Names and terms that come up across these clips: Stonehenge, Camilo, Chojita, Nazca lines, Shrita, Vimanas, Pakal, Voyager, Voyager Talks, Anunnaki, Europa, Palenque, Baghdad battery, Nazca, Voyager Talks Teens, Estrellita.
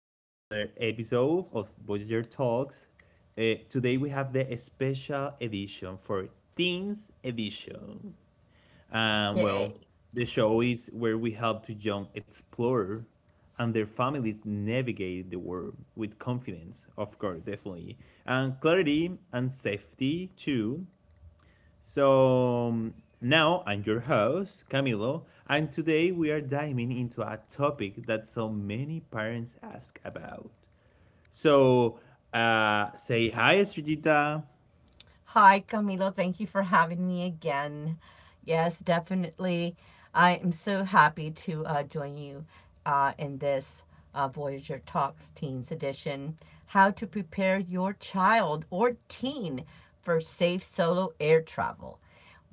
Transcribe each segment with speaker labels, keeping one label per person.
Speaker 1: to another episode of Voyager Talks. Today we have the special edition for Teens Edition. And well,
Speaker 2: Yay.
Speaker 1: the show is where we help to young explorers and their families navigate the world with confidence, of course, definitely, and clarity and safety too. So um, Now I'm your host, Camilo, and today we are diving into a topic that so many parents ask about. So say hi, Estrellita.
Speaker 2: Hi, Camilo. Thank you for having me again. Yes, definitely. I am so happy to join you in this Voyager Talks Teens edition. How to prepare your child or teen for safe solo air travel,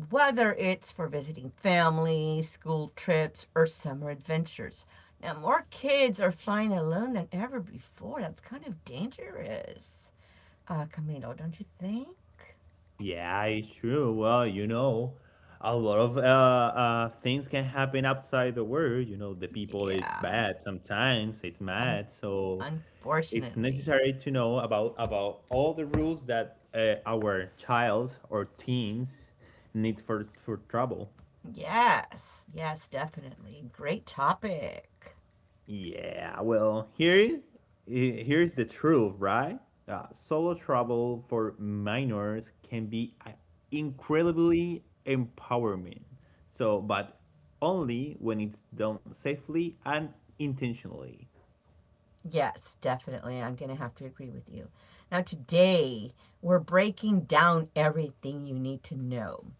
Speaker 2: whether it's for visiting family, school trips, or summer adventures. Now, more kids are flying alone than ever before. That's kind of dangerous. Camilo, don't you think?
Speaker 1: Yeah, it's true. Well, you know, a lot of things can happen outside the world. You know, the people is
Speaker 2: Yeah.
Speaker 1: bad sometimes. It's
Speaker 2: Un-
Speaker 1: mad, so it's
Speaker 2: unfortunately.
Speaker 1: necessary to know about all the rules that our childs or teens need for trouble.
Speaker 2: Yes. Yes, definitely. Great topic.
Speaker 1: Yeah, well, here's the truth, right? Solo travel for minors can be incredibly empowering. So, but only when it's done safely and intentionally.
Speaker 2: Yes, definitely. I'm going to have to agree with you. Now, today, we're breaking down everything you need to know.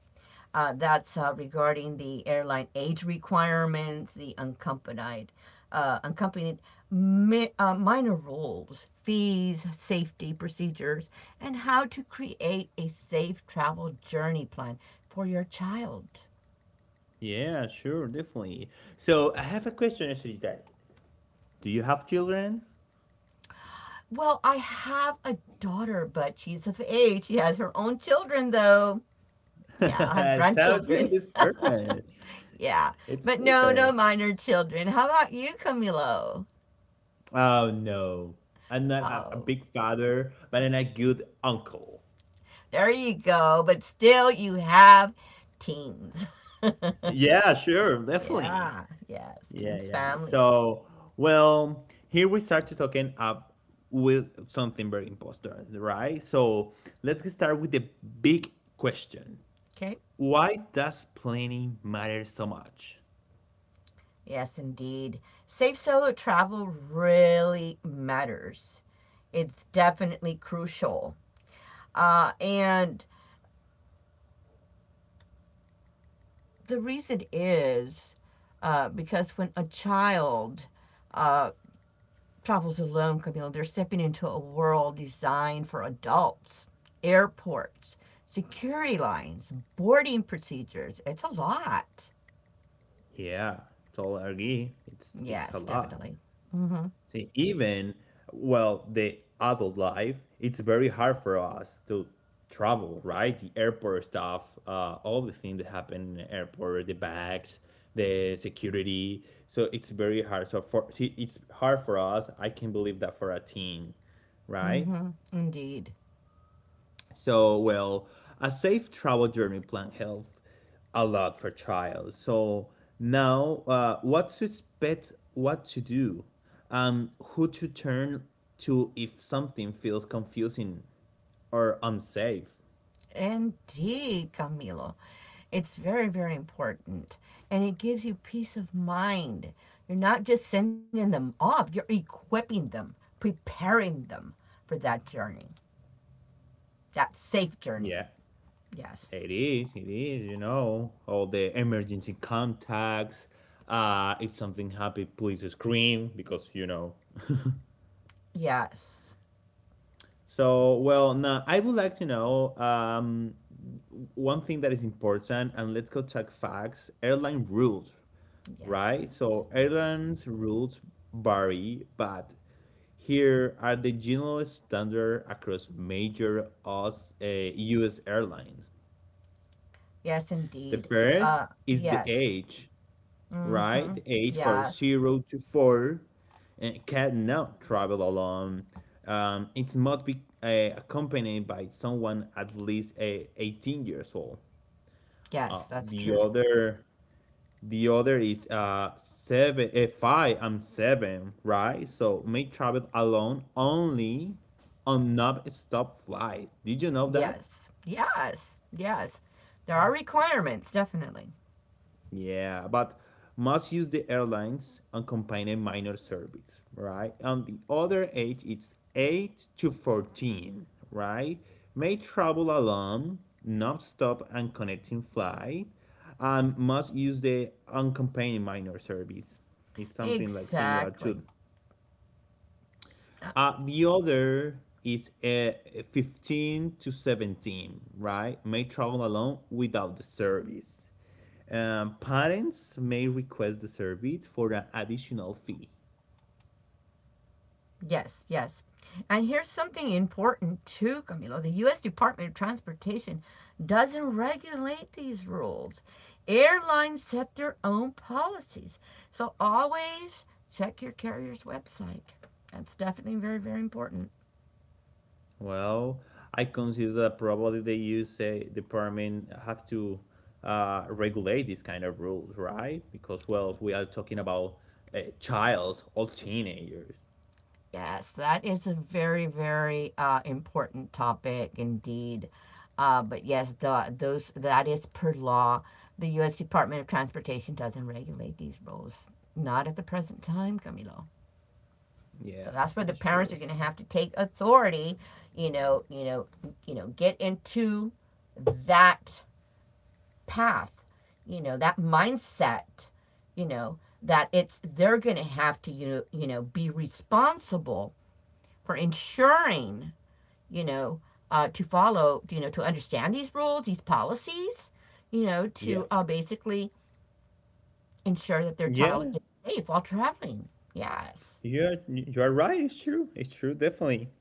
Speaker 2: That's Regarding the airline age requirements, the unaccompanied minor rules, fees, safety procedures, and how to create a safe travel journey plan for your child.
Speaker 1: Yeah, sure, definitely. So, I have a question, Shrita. Do you have children?
Speaker 2: Well, I have a daughter, but she's of age. She has her own children, though. Yeah, I have
Speaker 1: It sounds good.
Speaker 2: grandchildren.
Speaker 1: It's perfect.
Speaker 2: yeah,
Speaker 1: It's
Speaker 2: but no, no
Speaker 1: perfect.
Speaker 2: minor children. How about you, Camilo?
Speaker 1: Oh no, I'm not a
Speaker 2: Oh,
Speaker 1: big father, but I'm a good uncle.
Speaker 2: there you go. But still, you have teens.
Speaker 1: Yeah, sure, definitely.
Speaker 2: yeah, yes,
Speaker 1: Yeah,
Speaker 2: teens
Speaker 1: yeah.
Speaker 2: family.
Speaker 1: So, well, here we start to talking up with something very important, right? So let's get started with the big question.
Speaker 2: Okay.
Speaker 1: Why does planning matter so much?
Speaker 2: Yes, indeed. Safe solo travel really matters. It's definitely crucial. And the reason is because when a child uh, travels alone, Camille. They're stepping into a world designed for adults, airports, security lines, boarding procedures. It's a lot.
Speaker 1: Yeah, totally agree. It's a
Speaker 2: Yes,
Speaker 1: lot.
Speaker 2: definitely. Mm-hmm.
Speaker 1: See, even well, the adult life, it's very hard for us to travel, right? The airport stuff, all the things that happen in the airport, the bags, the security. So it's very hard. So for see, it's hard for us. I can believe that for a teen, right?
Speaker 2: Mm-hmm. Indeed.
Speaker 1: So, well, a safe travel journey plan helps a lot for trials. So now, what to expect, what to do, and who to turn to if something feels confusing or unsafe.
Speaker 2: Indeed, Camilo. It's very, very important. And it gives you peace of mind. You're not just sending them off, you're equipping them, preparing them for that journey, that safe journey.
Speaker 1: Yeah,
Speaker 2: Yes.
Speaker 1: it is. It is. You know, all the emergency contacts. If something happens, please scream because you know.
Speaker 2: Yes.
Speaker 1: So, well, now I would like to know one thing that is important, and let's go check facts. Airline rules,
Speaker 2: Yes.
Speaker 1: right? So,
Speaker 2: Yeah.
Speaker 1: airlines rules vary, but here are the general standard across major US airlines.
Speaker 2: Yes,
Speaker 1: The
Speaker 2: indeed.
Speaker 1: first is the
Speaker 2: Yes.
Speaker 1: age, right?
Speaker 2: Mm-hmm.
Speaker 1: The age for
Speaker 2: Yes.
Speaker 1: 0 to 4, and cannot travel alone. It must be accompanied by someone at least 18 years old. Uh,
Speaker 2: Yes, that's
Speaker 1: the
Speaker 2: true.
Speaker 1: other, the other is five and seven, right? So may travel alone only on non-stop flight. Did you know that?
Speaker 2: Yes. Yes. Yes. There are requirements, definitely.
Speaker 1: Yeah, but must use the airlines unaccompanied minor service, right? On the other age, it's 8 to 14, right? May travel alone, non-stop and connecting flight, and must use the unaccompanied minor service. It's something like similar to
Speaker 2: Exactly.
Speaker 1: the other is 15 to 17, right? May travel alone without the service. Parents may request the service for an additional fee.
Speaker 2: Yes, yes. And here's something important too, Camilo. The U.S. Department of Transportation doesn't regulate these rules. Airlines set their own policies. So always check your carrier's website. That's definitely very, very important.
Speaker 1: Well, I consider that probably the USA department have to regulate these kind of rules, right? Because, well, we are talking about childs or teenagers.
Speaker 2: Yes, that is a very, very important topic indeed. But yes, the, those that is per law. The U.S. Department of Transportation doesn't regulate these rules. Not at the present time, Camilo. So
Speaker 1: Yeah,
Speaker 2: that's where the
Speaker 1: it's true,
Speaker 2: parents are
Speaker 1: it's
Speaker 2: going to
Speaker 1: true.
Speaker 2: have to take authority, you know, you know, get into that path, that mindset, that it's they're going to have to be responsible for ensuring, you know, to follow, to understand these rules, these policies,
Speaker 1: Yeah.
Speaker 2: to basically ensure that their child
Speaker 1: Yeah,
Speaker 2: is safe while traveling. Yes.
Speaker 1: yeah, you're right. It's true. It's true, definitely.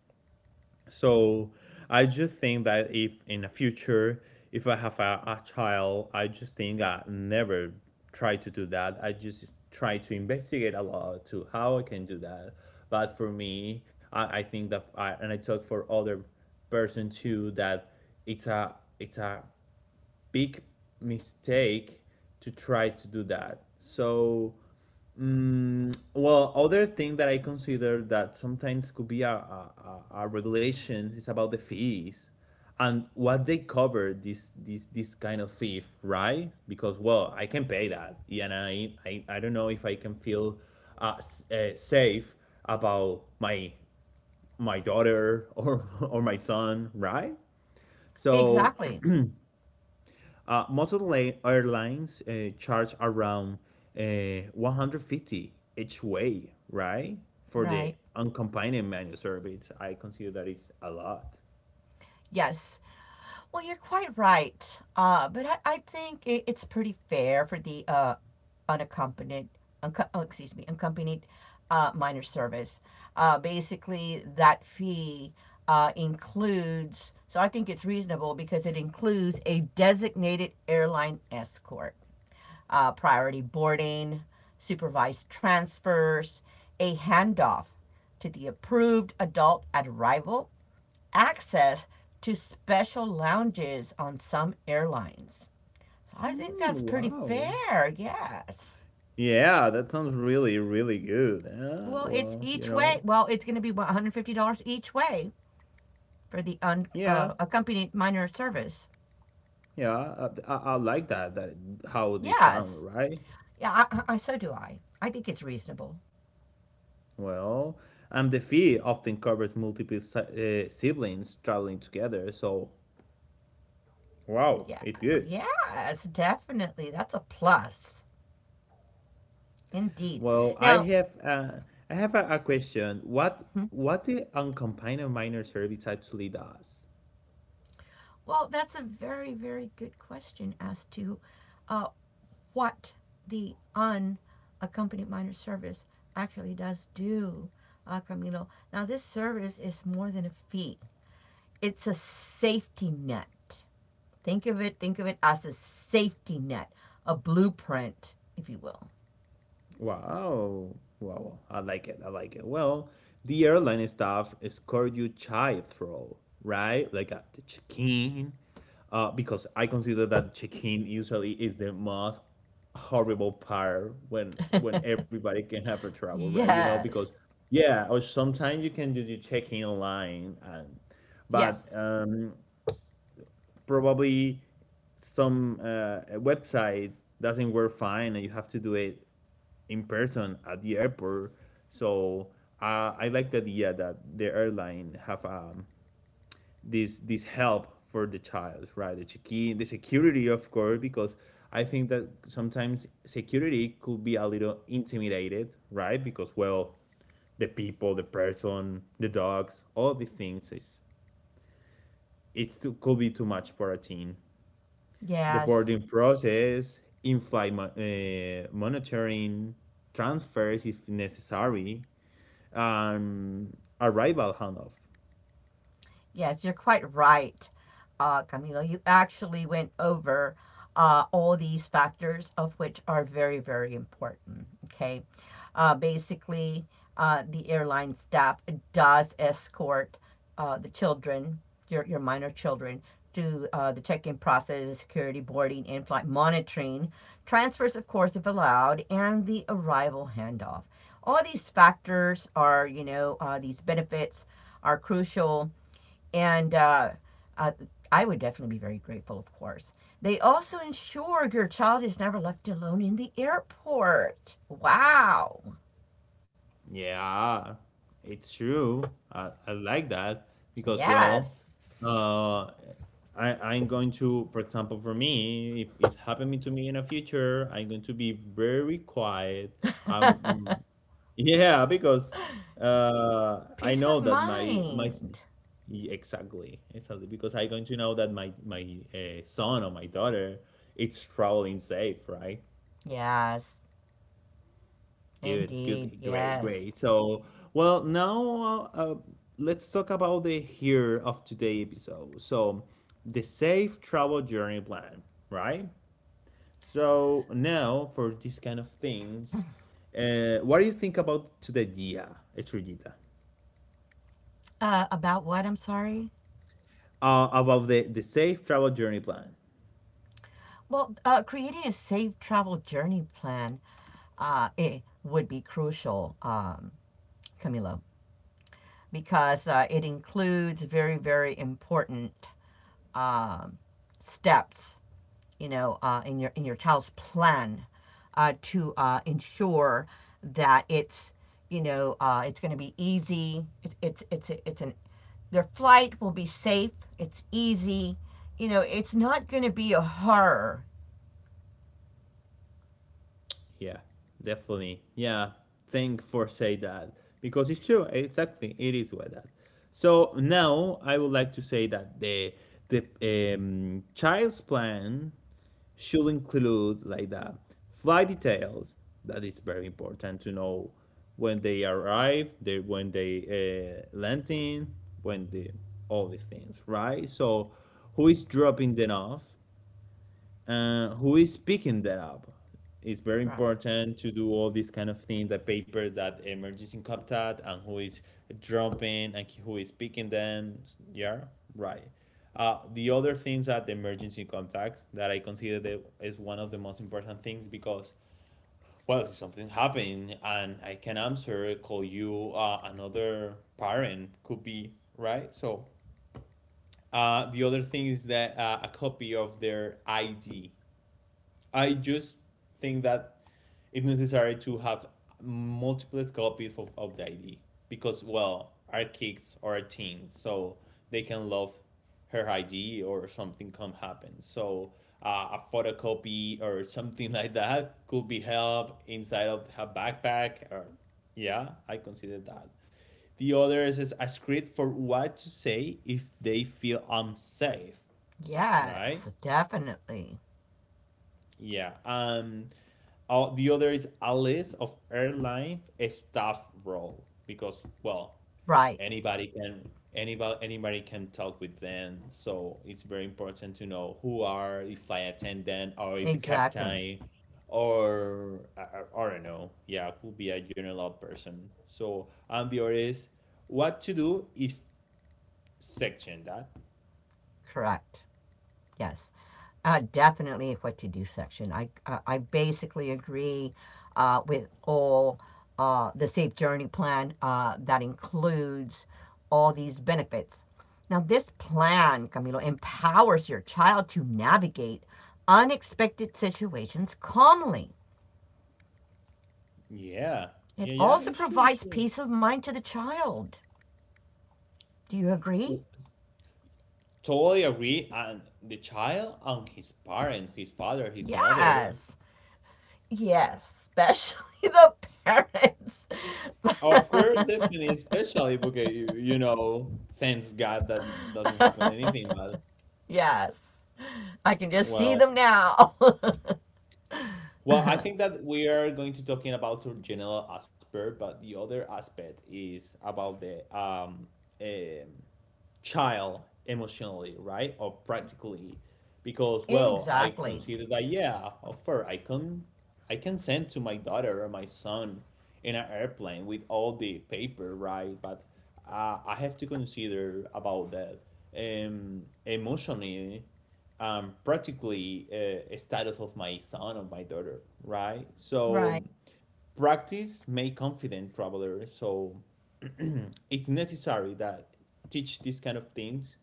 Speaker 1: So I just think that if in the future, if I have a child, I just think I never try to do that. I just try to investigate a lot to how I can do that. But for me, I think that I, and I talk for other person too, that it's a big mistake to try to do that. So mm, well, other thing that I consider that sometimes could be a regulation is about the fees and what they cover this kind of fee, right? Because well, I can pay that, and I don't know if I can feel safe about my daughter or or my son, right? So
Speaker 2: Exactly.
Speaker 1: Most of the airlines charge around 150 each way, right? For the
Speaker 2: Right.
Speaker 1: unaccompanied menu service, I consider that it's a lot.
Speaker 2: Yes. Well, you're quite right. But I think it's pretty fair for the unaccompanied, excuse me, unaccompanied minor service. Basically, that fee includes, so I think it's reasonable because it includes a designated airline escort, priority boarding, supervised transfers, a handoff to the approved adult at arrival access to special lounges on some airlines. So I think
Speaker 1: Mm,
Speaker 2: that's pretty
Speaker 1: wow.
Speaker 2: fair. Yes.
Speaker 1: Yeah, that sounds really, really good.
Speaker 2: Well, it's
Speaker 1: Well, you
Speaker 2: each
Speaker 1: know,
Speaker 2: way. Well, it's going to be $150 each way for the
Speaker 1: yeah,
Speaker 2: unaccompanied minor service.
Speaker 1: yeah, I like that. That how this sound,
Speaker 2: Yes.
Speaker 1: right?
Speaker 2: Yeah, so do I. I think it's reasonable.
Speaker 1: Well, and the fee often covers multiple siblings traveling together, so wow,
Speaker 2: Yeah.
Speaker 1: it's
Speaker 2: Oh,
Speaker 1: good.
Speaker 2: yes, definitely. That's a plus. Indeed.
Speaker 1: Well,
Speaker 2: Now,
Speaker 1: I have a question. What
Speaker 2: hmm,
Speaker 1: what the uncompanion minor service actually does?
Speaker 2: well, that's a very, very good question as to uh, what the unaccompanied minor service actually does do, Camilo. Now, this service is more than a fee, it's a safety net. Think of it as a safety net, a blueprint, if you will.
Speaker 1: Wow, wow, I like it. I like it. Well, the airline staff escort you child through, right? Like at the check-in, because I consider that check-in usually is the most horrible part when everybody can have a trouble, right? You know, because
Speaker 2: Yes.
Speaker 1: yeah, or sometimes you can do the check-in line and but
Speaker 2: Yes.
Speaker 1: probably some website doesn't work fine and you have to do it in person at the airport, so I like the idea that the airline have this help for the child, right? The check-in, the security, of course, because I think that sometimes security could be a little intimidated, right? Because well, the people, the person, the dogs, all the things is it's too, could be too much for a teen, the
Speaker 2: Yes.
Speaker 1: boarding process, in-flight monitoring, transfers if necessary, um, arrival handoff.
Speaker 2: Yes, you're quite right, Camilo. You actually went over all these factors, of which are very, very important. Okay. Uh, basically, the airline staff does escort the children, your minor children, to the check in process, security boarding, in flight monitoring, transfers, of course, if allowed, and the arrival handoff. All these factors are, you know, these benefits are crucial and uh, I would definitely be very grateful, of course. They also ensure your child is never left alone in the airport. Wow.
Speaker 1: Yeah, it's true. I like that because, well,
Speaker 2: Yes.
Speaker 1: uh, I'm going to, for example, for me, if it's happening to me in the future, I'm going to be very quiet. I'm yeah, because I
Speaker 2: Peace of
Speaker 1: know that my
Speaker 2: mind.
Speaker 1: y- exactly, because I'm going to know that my son or my daughter it's traveling safe, right?
Speaker 2: Yes,
Speaker 1: Good,
Speaker 2: indeed.
Speaker 1: good, great,
Speaker 2: Yes.
Speaker 1: great. So, well, now let's talk about the here of today episode. So, the safe travel journey plan, right? So now for these kind of things, what do you think about to the idea, Estrellita?
Speaker 2: About what? I'm sorry.
Speaker 1: About the safe travel journey plan.
Speaker 2: Well, creating a safe travel journey plan it would be crucial, Camilo, because it includes very, very important um steps, you know, in your child's plan to ensure that it's you know it's going to be easy. It's an Their flight will be safe. It's easy. You know, it's not going to be a horror.
Speaker 1: Yeah. Definitely. Yeah. Thank for say that because it's true. Exactly. It is like that. So now I would like to say that the child's plan should include like that flight details. That is very important to know when they arrive, they when they landing, when the all these things, right? So who is dropping them off, who is picking that up, it's very
Speaker 2: Right.
Speaker 1: important to do all these kind of things, the papers that emerges in CapTat, and who is dropping and who is picking them, yeah, right. The other things that the emergency contacts that I consider that is one of the most important things, because well, if something happened and I can answer call you, another parent could be, right? So the other thing is that a copy of their ID. I just think that it's necessary to have multiple copies of the ID, because, well, our kids are a teen, so they can love her ID or something can happen. So a photocopy or something like that could be held inside of her backpack. Or yeah, I consider that. The other is a script for what to say if they feel unsafe, right?
Speaker 2: Yes, definitely.
Speaker 1: Yeah. Oh, the other is a list of airline staff role, because well,
Speaker 2: Right.
Speaker 1: anybody can talk with them, so it's very important to know who are the flight attendant or it's the
Speaker 2: Exactly.
Speaker 1: captain or I don't know. Yeah, could be a general person. So and the other is what to do if section that.
Speaker 2: Correct. Yes, definitely a what to do section. I basically agree with all the Safe Journey plan that includes all these benefits. Now, this plan, Camilo, empowers your child to navigate unexpected situations calmly.
Speaker 1: Yeah. Yeah.
Speaker 2: It
Speaker 1: Yeah.
Speaker 2: also
Speaker 1: yeah, Sure.
Speaker 2: provides
Speaker 1: Sure.
Speaker 2: peace of mind to the child. Do you agree?
Speaker 1: Totally agree. And the child and his parent, his father, his mother.
Speaker 2: Yes. Yes, especially the
Speaker 1: Of course,
Speaker 2: parents.
Speaker 1: definitely, especially because you know, thanks God that doesn't happen anything. But
Speaker 2: yes. I can just see them
Speaker 1: well,
Speaker 2: now.
Speaker 1: well, I think that we are going to talking about the general aspect, but the other aspect is about the um child emotionally, right? Or practically, because well, I
Speaker 2: exactly.
Speaker 1: consider that yeah, of course, I can send to my daughter or my son in an airplane with all the paper, right? But I have to consider about that emotionally practically a status of my son or my daughter, right?
Speaker 2: Right.
Speaker 1: So practice make confident traveler. So it's necessary that teach these kind of things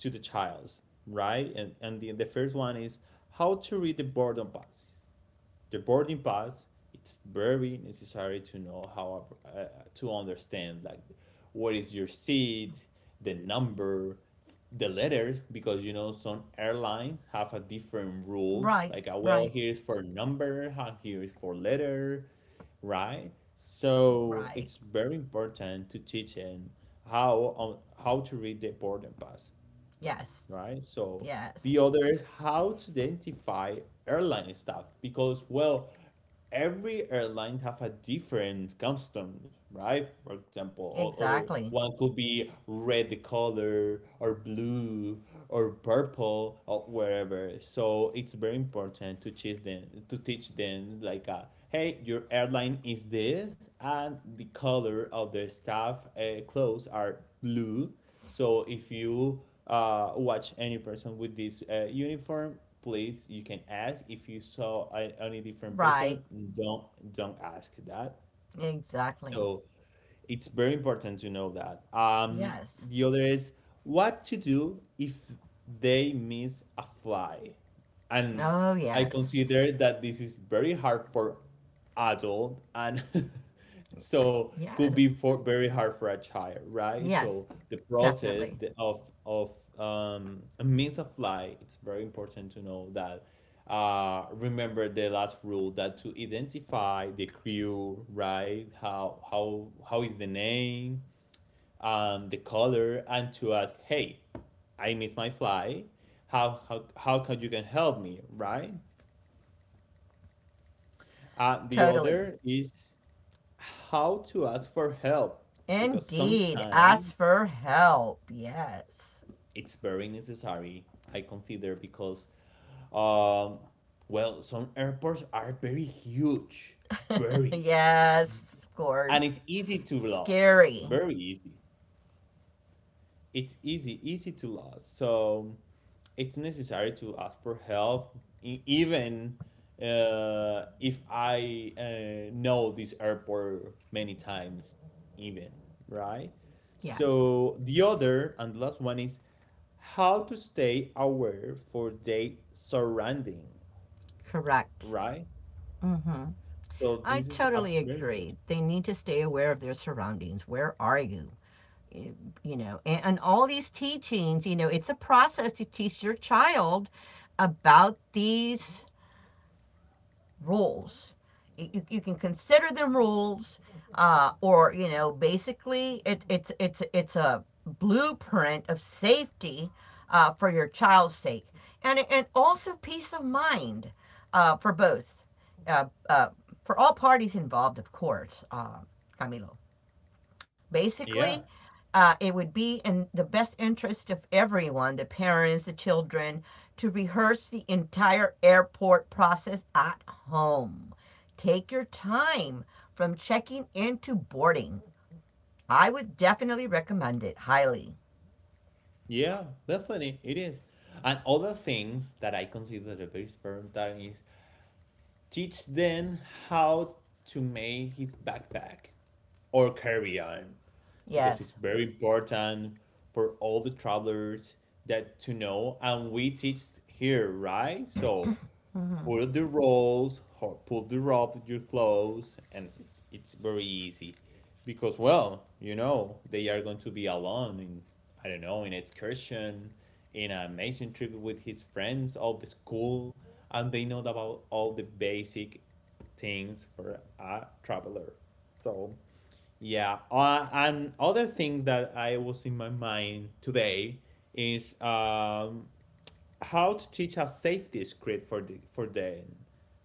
Speaker 1: to the child, right? And the first one is how to read the boredom passes. The boarding pass, it's very necessary to know how to understand like what is your seat, the number, the letters, because you know some airlines have a different rules
Speaker 2: Right.
Speaker 1: like well
Speaker 2: Right.
Speaker 1: here is for number and here is for letter, right? So
Speaker 2: Right.
Speaker 1: it's very important to teach and how on how to read the boarding pass,
Speaker 2: Yes.
Speaker 1: right? So
Speaker 2: Yes.
Speaker 1: the other is how to identify airline staff because, well, every airline have a different customs, right? For example, other
Speaker 2: Exactly.
Speaker 1: one could be red the color or blue or purple or wherever. So it's very important to teach them like hey, your airline is this and the color of their staff clothes are blue, so if you watch any person with this uniform, please you can ask. If you saw any different person,
Speaker 2: Right.
Speaker 1: don't don't ask that.
Speaker 2: Exactly.
Speaker 1: So it's very important to know that.
Speaker 2: Yes.
Speaker 1: The other is what to do if they miss a fly, and
Speaker 2: Oh,
Speaker 1: I
Speaker 2: yes.
Speaker 1: consider that this is very hard for adult and so could be
Speaker 2: Yes.
Speaker 1: for very hard for a child, right?
Speaker 2: Yes.
Speaker 1: So the process
Speaker 2: Definitely.
Speaker 1: of a means of life, it's very important to know that. Remember the last rule that to identify the crew, right? How is the name? The caller and to ask, hey, I missed my flight. How can you can help me, right? The
Speaker 2: Totally.
Speaker 1: other is how to ask for help, because
Speaker 2: Indeed.
Speaker 1: sometimes
Speaker 2: Ask for help. Yes.
Speaker 1: it's very necessary, I consider, because um, well, some airports are very huge, very,
Speaker 2: yes. Of
Speaker 1: and
Speaker 2: course.
Speaker 1: it's easy to be lost,
Speaker 2: Scary.
Speaker 1: very easy. It's easy to lose, so it's necessary to ask for help, e- even if I know this airport many times, even, right.
Speaker 2: Yes.
Speaker 1: So the other and the last one is how to stay aware for their surrounding,
Speaker 2: Correct.
Speaker 1: right.
Speaker 2: Mm hmm.
Speaker 1: So
Speaker 2: I
Speaker 1: this is a
Speaker 2: totally
Speaker 1: very important.
Speaker 2: agree. They need to stay aware of their surroundings. Where are you? You know, and all these teachings, you know, it's a process to teach your child about these rules. Can consider them rules, or you know, basically, it, it's a blueprint of safety for your child's sake, and also peace of mind for both, uh, uh, for all parties involved, of course, Camilo.
Speaker 1: Yeah,
Speaker 2: Basically, it would be in the best interest of everyone, the parents, the children, to rehearse the entire airport process at home. Take your time from checking into boarding. I would definitely recommend it highly.
Speaker 1: yeah, definitely it is. And other things that I consider the very important is teach then how to make his backpack or carry on, because it's
Speaker 2: Yes.
Speaker 1: very important for all the travelers that to know and we teach here, right? So pull the rolls or pull the rope with your clothes, and it's very easy because, well, you know they are going to be alone in, I don't know, in an excursion, in an amazing trip with his friends of the school, and they know about all the basic things for a traveler. So yeah. And other thing that I was in my mind today is how to teach a safety script for the for them,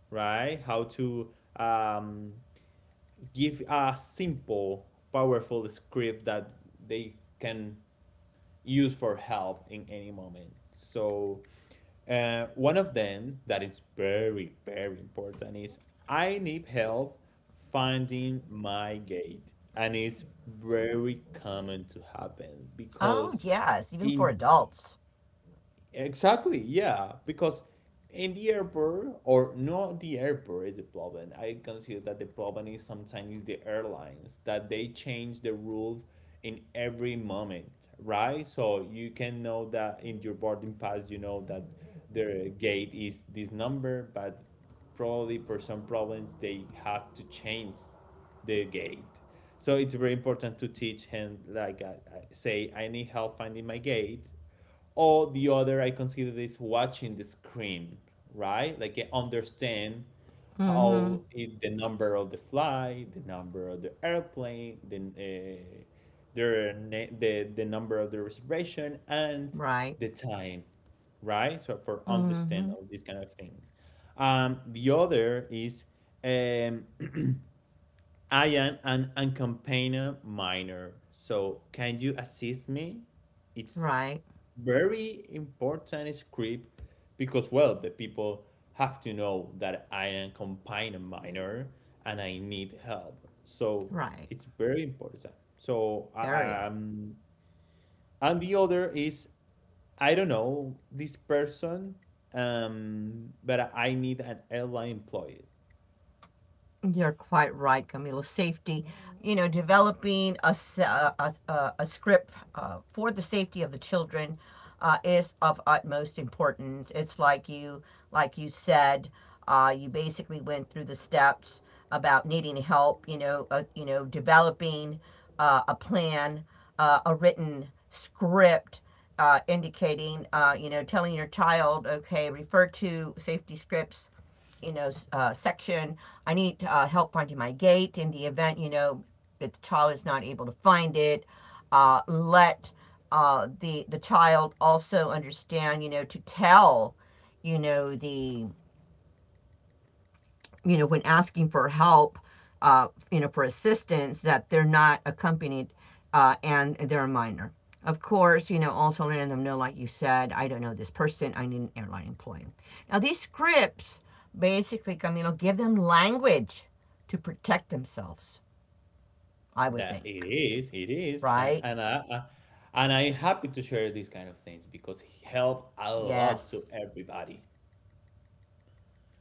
Speaker 1: right? How to um, give a simple, powerful script that they can use for help in any moment. So one of them that is very important is, I need help finding my gate, and it's very common to happen
Speaker 2: Oh,
Speaker 1: because
Speaker 2: yes, even for
Speaker 1: in,
Speaker 2: adults.
Speaker 1: exactly, yeah, because in the airport or not the airport is the problem. I consider that the problem is sometimes is the airlines that they change the rule in every moment, right? So you can know that in your boarding pass, you know that their gate is this number, but probably for some problems they have to change the gate. So it's very important to teach him like say I need help finding my gate. Or the other I consider is watching the screen, right, like I understand
Speaker 2: Mm-hmm.
Speaker 1: how it, the number of the flight, the number of the airplane, the their na- the number of the reservation and
Speaker 2: Right.
Speaker 1: the time, right, so for understand
Speaker 2: Mm-hmm.
Speaker 1: all these kind of things. The other is um I am an uncampaigner minor, so can you assist me. It's
Speaker 2: Right.
Speaker 1: very important script because, well, the people have to know that I am combined a minor and I need help, so
Speaker 2: Right.
Speaker 1: it's very important. So I,
Speaker 2: Very.
Speaker 1: um And the other is, I don't know this person, but I need an airline employee.
Speaker 2: You're quite right, Camila. Safety, you know, developing a script for the safety of the children is of utmost importance. It's like you said, you basically went through the steps about needing help. You know, developing a plan, a written script indicating, you know, telling your child, okay, refer to safety scripts you know, section. I need help finding my gate in the event, you know, that the child is not able to find it. Let the child also understand, you know, to tell, you know, the you know, when asking for help, you know, for assistance, that they're not accompanied and they're a minor. Of course, you know, also letting them know, like you said, I don't know this person, I need an airline employee. Now, these scripts basically, Camilo, give them language to protect themselves, I would
Speaker 1: That it
Speaker 2: think,
Speaker 1: is, it is, and,
Speaker 2: right?
Speaker 1: and I and I'm happy to share these kind of things because he helped a lot
Speaker 2: Yes,
Speaker 1: to everybody.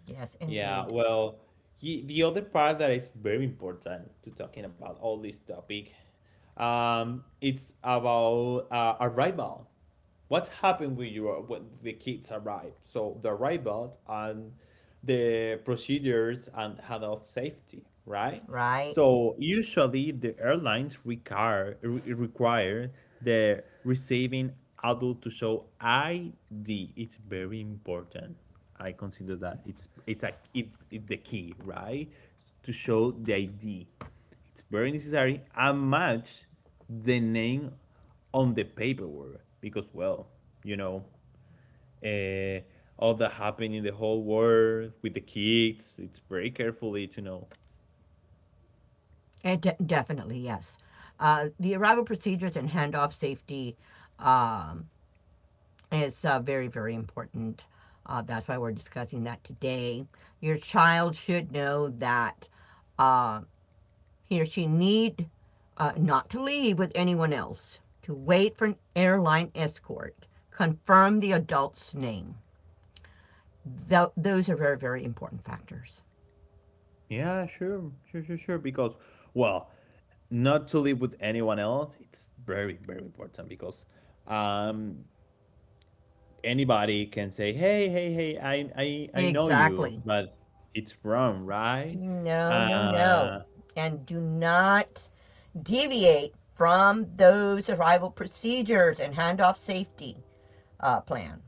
Speaker 2: yes,
Speaker 1: Yeah,
Speaker 2: indeed,
Speaker 1: well, he, the other part that is very important to talking about all this topic, it's about arrival. What's happened with you when the kids arrive, so the arrival and the procedures and head of safety, right?
Speaker 2: right?
Speaker 1: So usually the airlines require the receiving adult to show ID. It's very important. I consider that it's the key, right, to show the ID. It's very necessary, and match the name on the paperwork because, well, you know, uh, all that happened in the whole world with the kids, it's very carefully to know.
Speaker 2: And definitely, yes. The arrival procedures and handoff safety um, is very, very important. That's why we're discussing that today. Your child should know that uh, he or she need not to leave with anyone else, to wait for an airline escort, confirm the adult's name. Those are very, very important factors.
Speaker 1: Yeah, sure, because, well, not to live with anyone else, it's very important because um anybody can say hey, hey, hey, I know you,
Speaker 2: Exactly.
Speaker 1: but it's wrong, right.
Speaker 2: No, no,
Speaker 1: Uh,
Speaker 2: no. And do not deviate from those arrival procedures and handoff safety plan.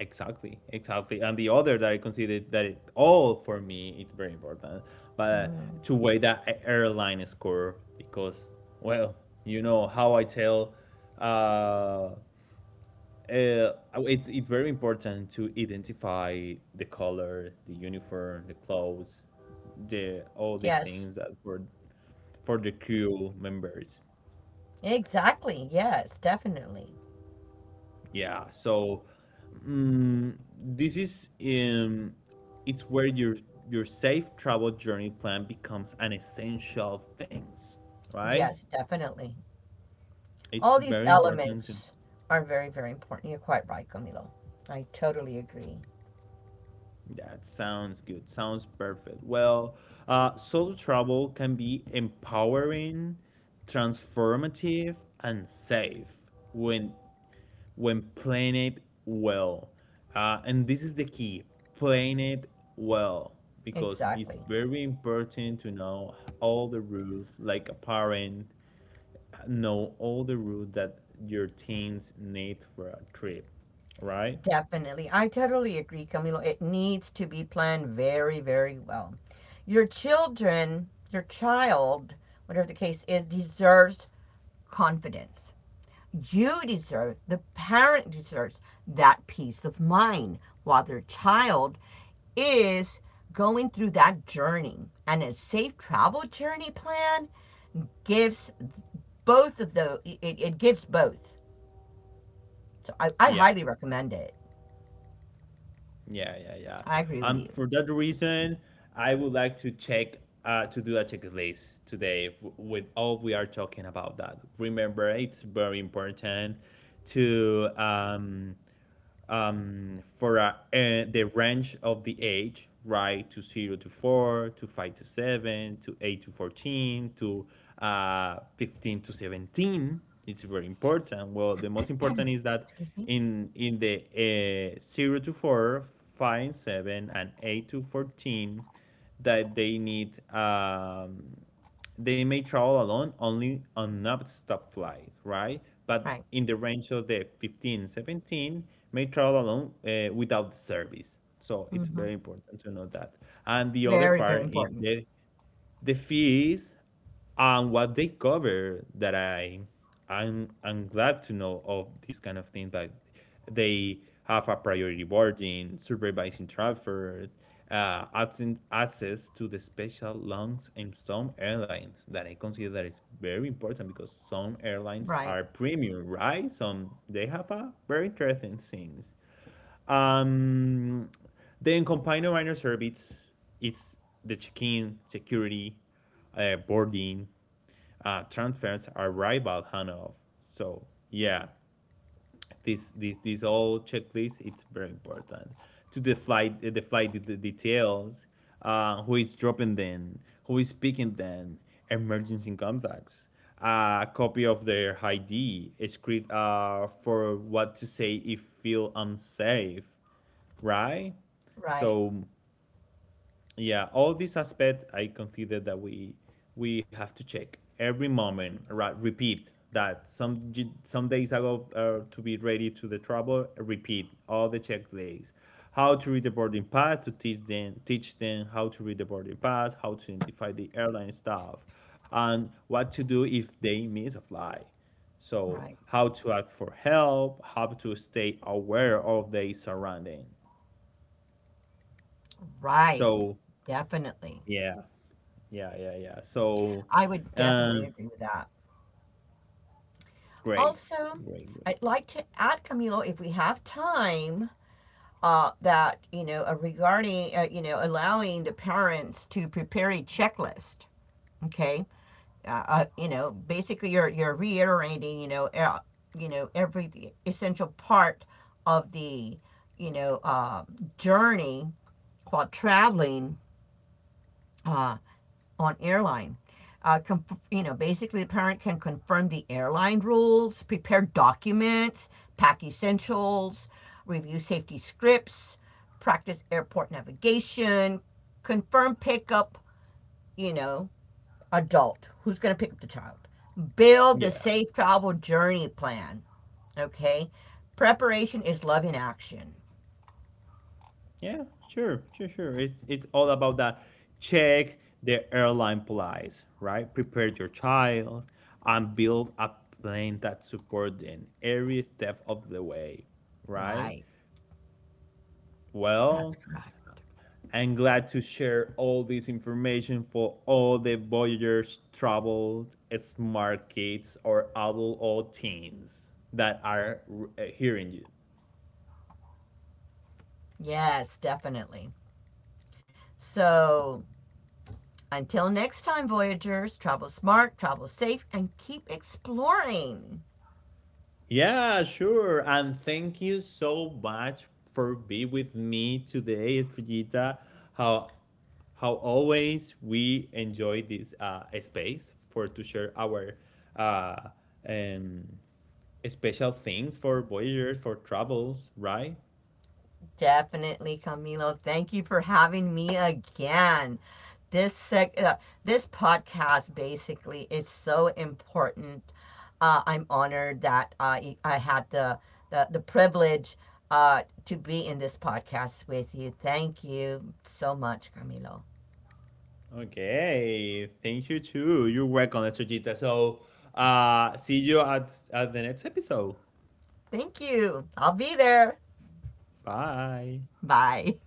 Speaker 1: exactly, exactly. And the other that I considered that it, all for me, it's very important, but to weigh that a- airline score because, well, you know how I tell, uh, uh, it's very important to identify the color, the uniform, the clothes, the all the
Speaker 2: Yes,
Speaker 1: things that for the crew members.
Speaker 2: exactly. Yes, definitely.
Speaker 1: Yeah, so this is it's where your safe travel journey plan becomes an essential things, right?
Speaker 2: Yes, definitely.
Speaker 1: It's
Speaker 2: All
Speaker 1: very
Speaker 2: these
Speaker 1: important to,
Speaker 2: elements are very, very important. You're quite right, Camilo. I totally agree.
Speaker 1: that sounds good, sounds perfect. Well, solo travel can be empowering, transformative, and safe when when playing it well. And this is the key, playing it well, because it's
Speaker 2: Exactly.
Speaker 1: very important to know all the rules, like a parent, know all the rules that your teens need for a trip, right?
Speaker 2: Definitely. I totally agree, Camilo. It needs to be planned very, very well. Your child, whatever the case is, deserves confidence. You deserve, the parent deserves that peace of mind while their child is going through that journey. And a safe travel journey plan gives both of the it, it gives both. So I
Speaker 1: Yeah,
Speaker 2: highly recommend it.
Speaker 1: yeah.
Speaker 2: I agree with you.
Speaker 1: For that reason, I would like to check to do a checklist today, f- with all we are talking about that. Remember, it's very important to for the range of the age, right? To zero to four, to five to seven, to eight to 14, to 15 to 17. It's very important. Well, the most important is that
Speaker 2: Excuse me?
Speaker 1: in the zero to four, five, seven, and eight to 14, that they need they may travel alone only on nonstop flights, right? But
Speaker 2: Right.
Speaker 1: in the range of the 15, 17, may travel alone without the service. So
Speaker 2: Mm
Speaker 1: it's
Speaker 2: hmm.
Speaker 1: very important to know that. And the other
Speaker 2: Very, very
Speaker 1: part is
Speaker 2: important.
Speaker 1: the fees and what they cover, that I'm glad to know of this kind of thing, that they have a priority boarding, supervising transfer, absent access to the special lounge in some airlines that I consider that is very important because some airlines
Speaker 2: Right.
Speaker 1: are premium, right? Some they have a very interesting things. Um, then combine a minor service. It's the check-in, security, boarding, transfers, arrival, handoff. So yeah, this all checklist. It's very important to the flight details. Who is dropping them? Who is picking them? Emergency contacts. A copy of their ID, script for what to say if feel unsafe, right?
Speaker 2: Right.
Speaker 1: So yeah, all these aspects I consider that we have to check every moment. Right, repeat that some days ago to be ready to the trouble. Repeat all the checklists. How to read the boarding pass, to teach them how to read the boarding pass, how to identify the airline staff, and what to do if they miss a flight. So
Speaker 2: Right.
Speaker 1: how to act for help, how to stay aware of their surrounding.
Speaker 2: Right.
Speaker 1: So
Speaker 2: Definitely.
Speaker 1: yeah, yeah. So,
Speaker 2: I would definitely
Speaker 1: um,
Speaker 2: agree with that.
Speaker 1: great,
Speaker 2: Also,
Speaker 1: great.
Speaker 2: I'd like to add, Camilo, if we have time, that you know regarding you know allowing the parents to prepare a checklist okay you know basically you're reiterating you know every essential part of the you know uh, journey while traveling on airline. You know, basically, the parent can confirm the airline rules, prepare documents, pack essentials, review safety scripts, practice airport navigation, confirm pickup, you know, adult, who's going to pick up the child, build the
Speaker 1: Yeah,
Speaker 2: safe travel journey plan. Okay. Preparation is love in action.
Speaker 1: yeah, sure, sure. It's all about that. Check the airline plies, right? Prepare your child and build a plan that support them every step of the way, right?
Speaker 2: Right. That's
Speaker 1: Well,
Speaker 2: correct.
Speaker 1: I'm glad to share all this information for all the Voyagers traveled, smart kids or adult or teens that are hearing you.
Speaker 2: Yes, definitely. So until next time, Voyagers, travel smart, travel safe, and keep exploring.
Speaker 1: Yeah, sure. And thank you so much for being with me today, Estrellita. How how always we enjoy this space for to share our uh, um, special things for voyagers for travels, right?
Speaker 2: Definitely, Camilo. Thank you for having me again. This sec- uh, this podcast basically is so important. I'm honored that I had the privilege to be in this podcast with you. Thank you so much, Camilo.
Speaker 1: Okay, thank you too. You're welcome, Chojita. So, see you at the next episode.
Speaker 2: Thank you. I'll be there.
Speaker 1: Bye.
Speaker 2: Bye.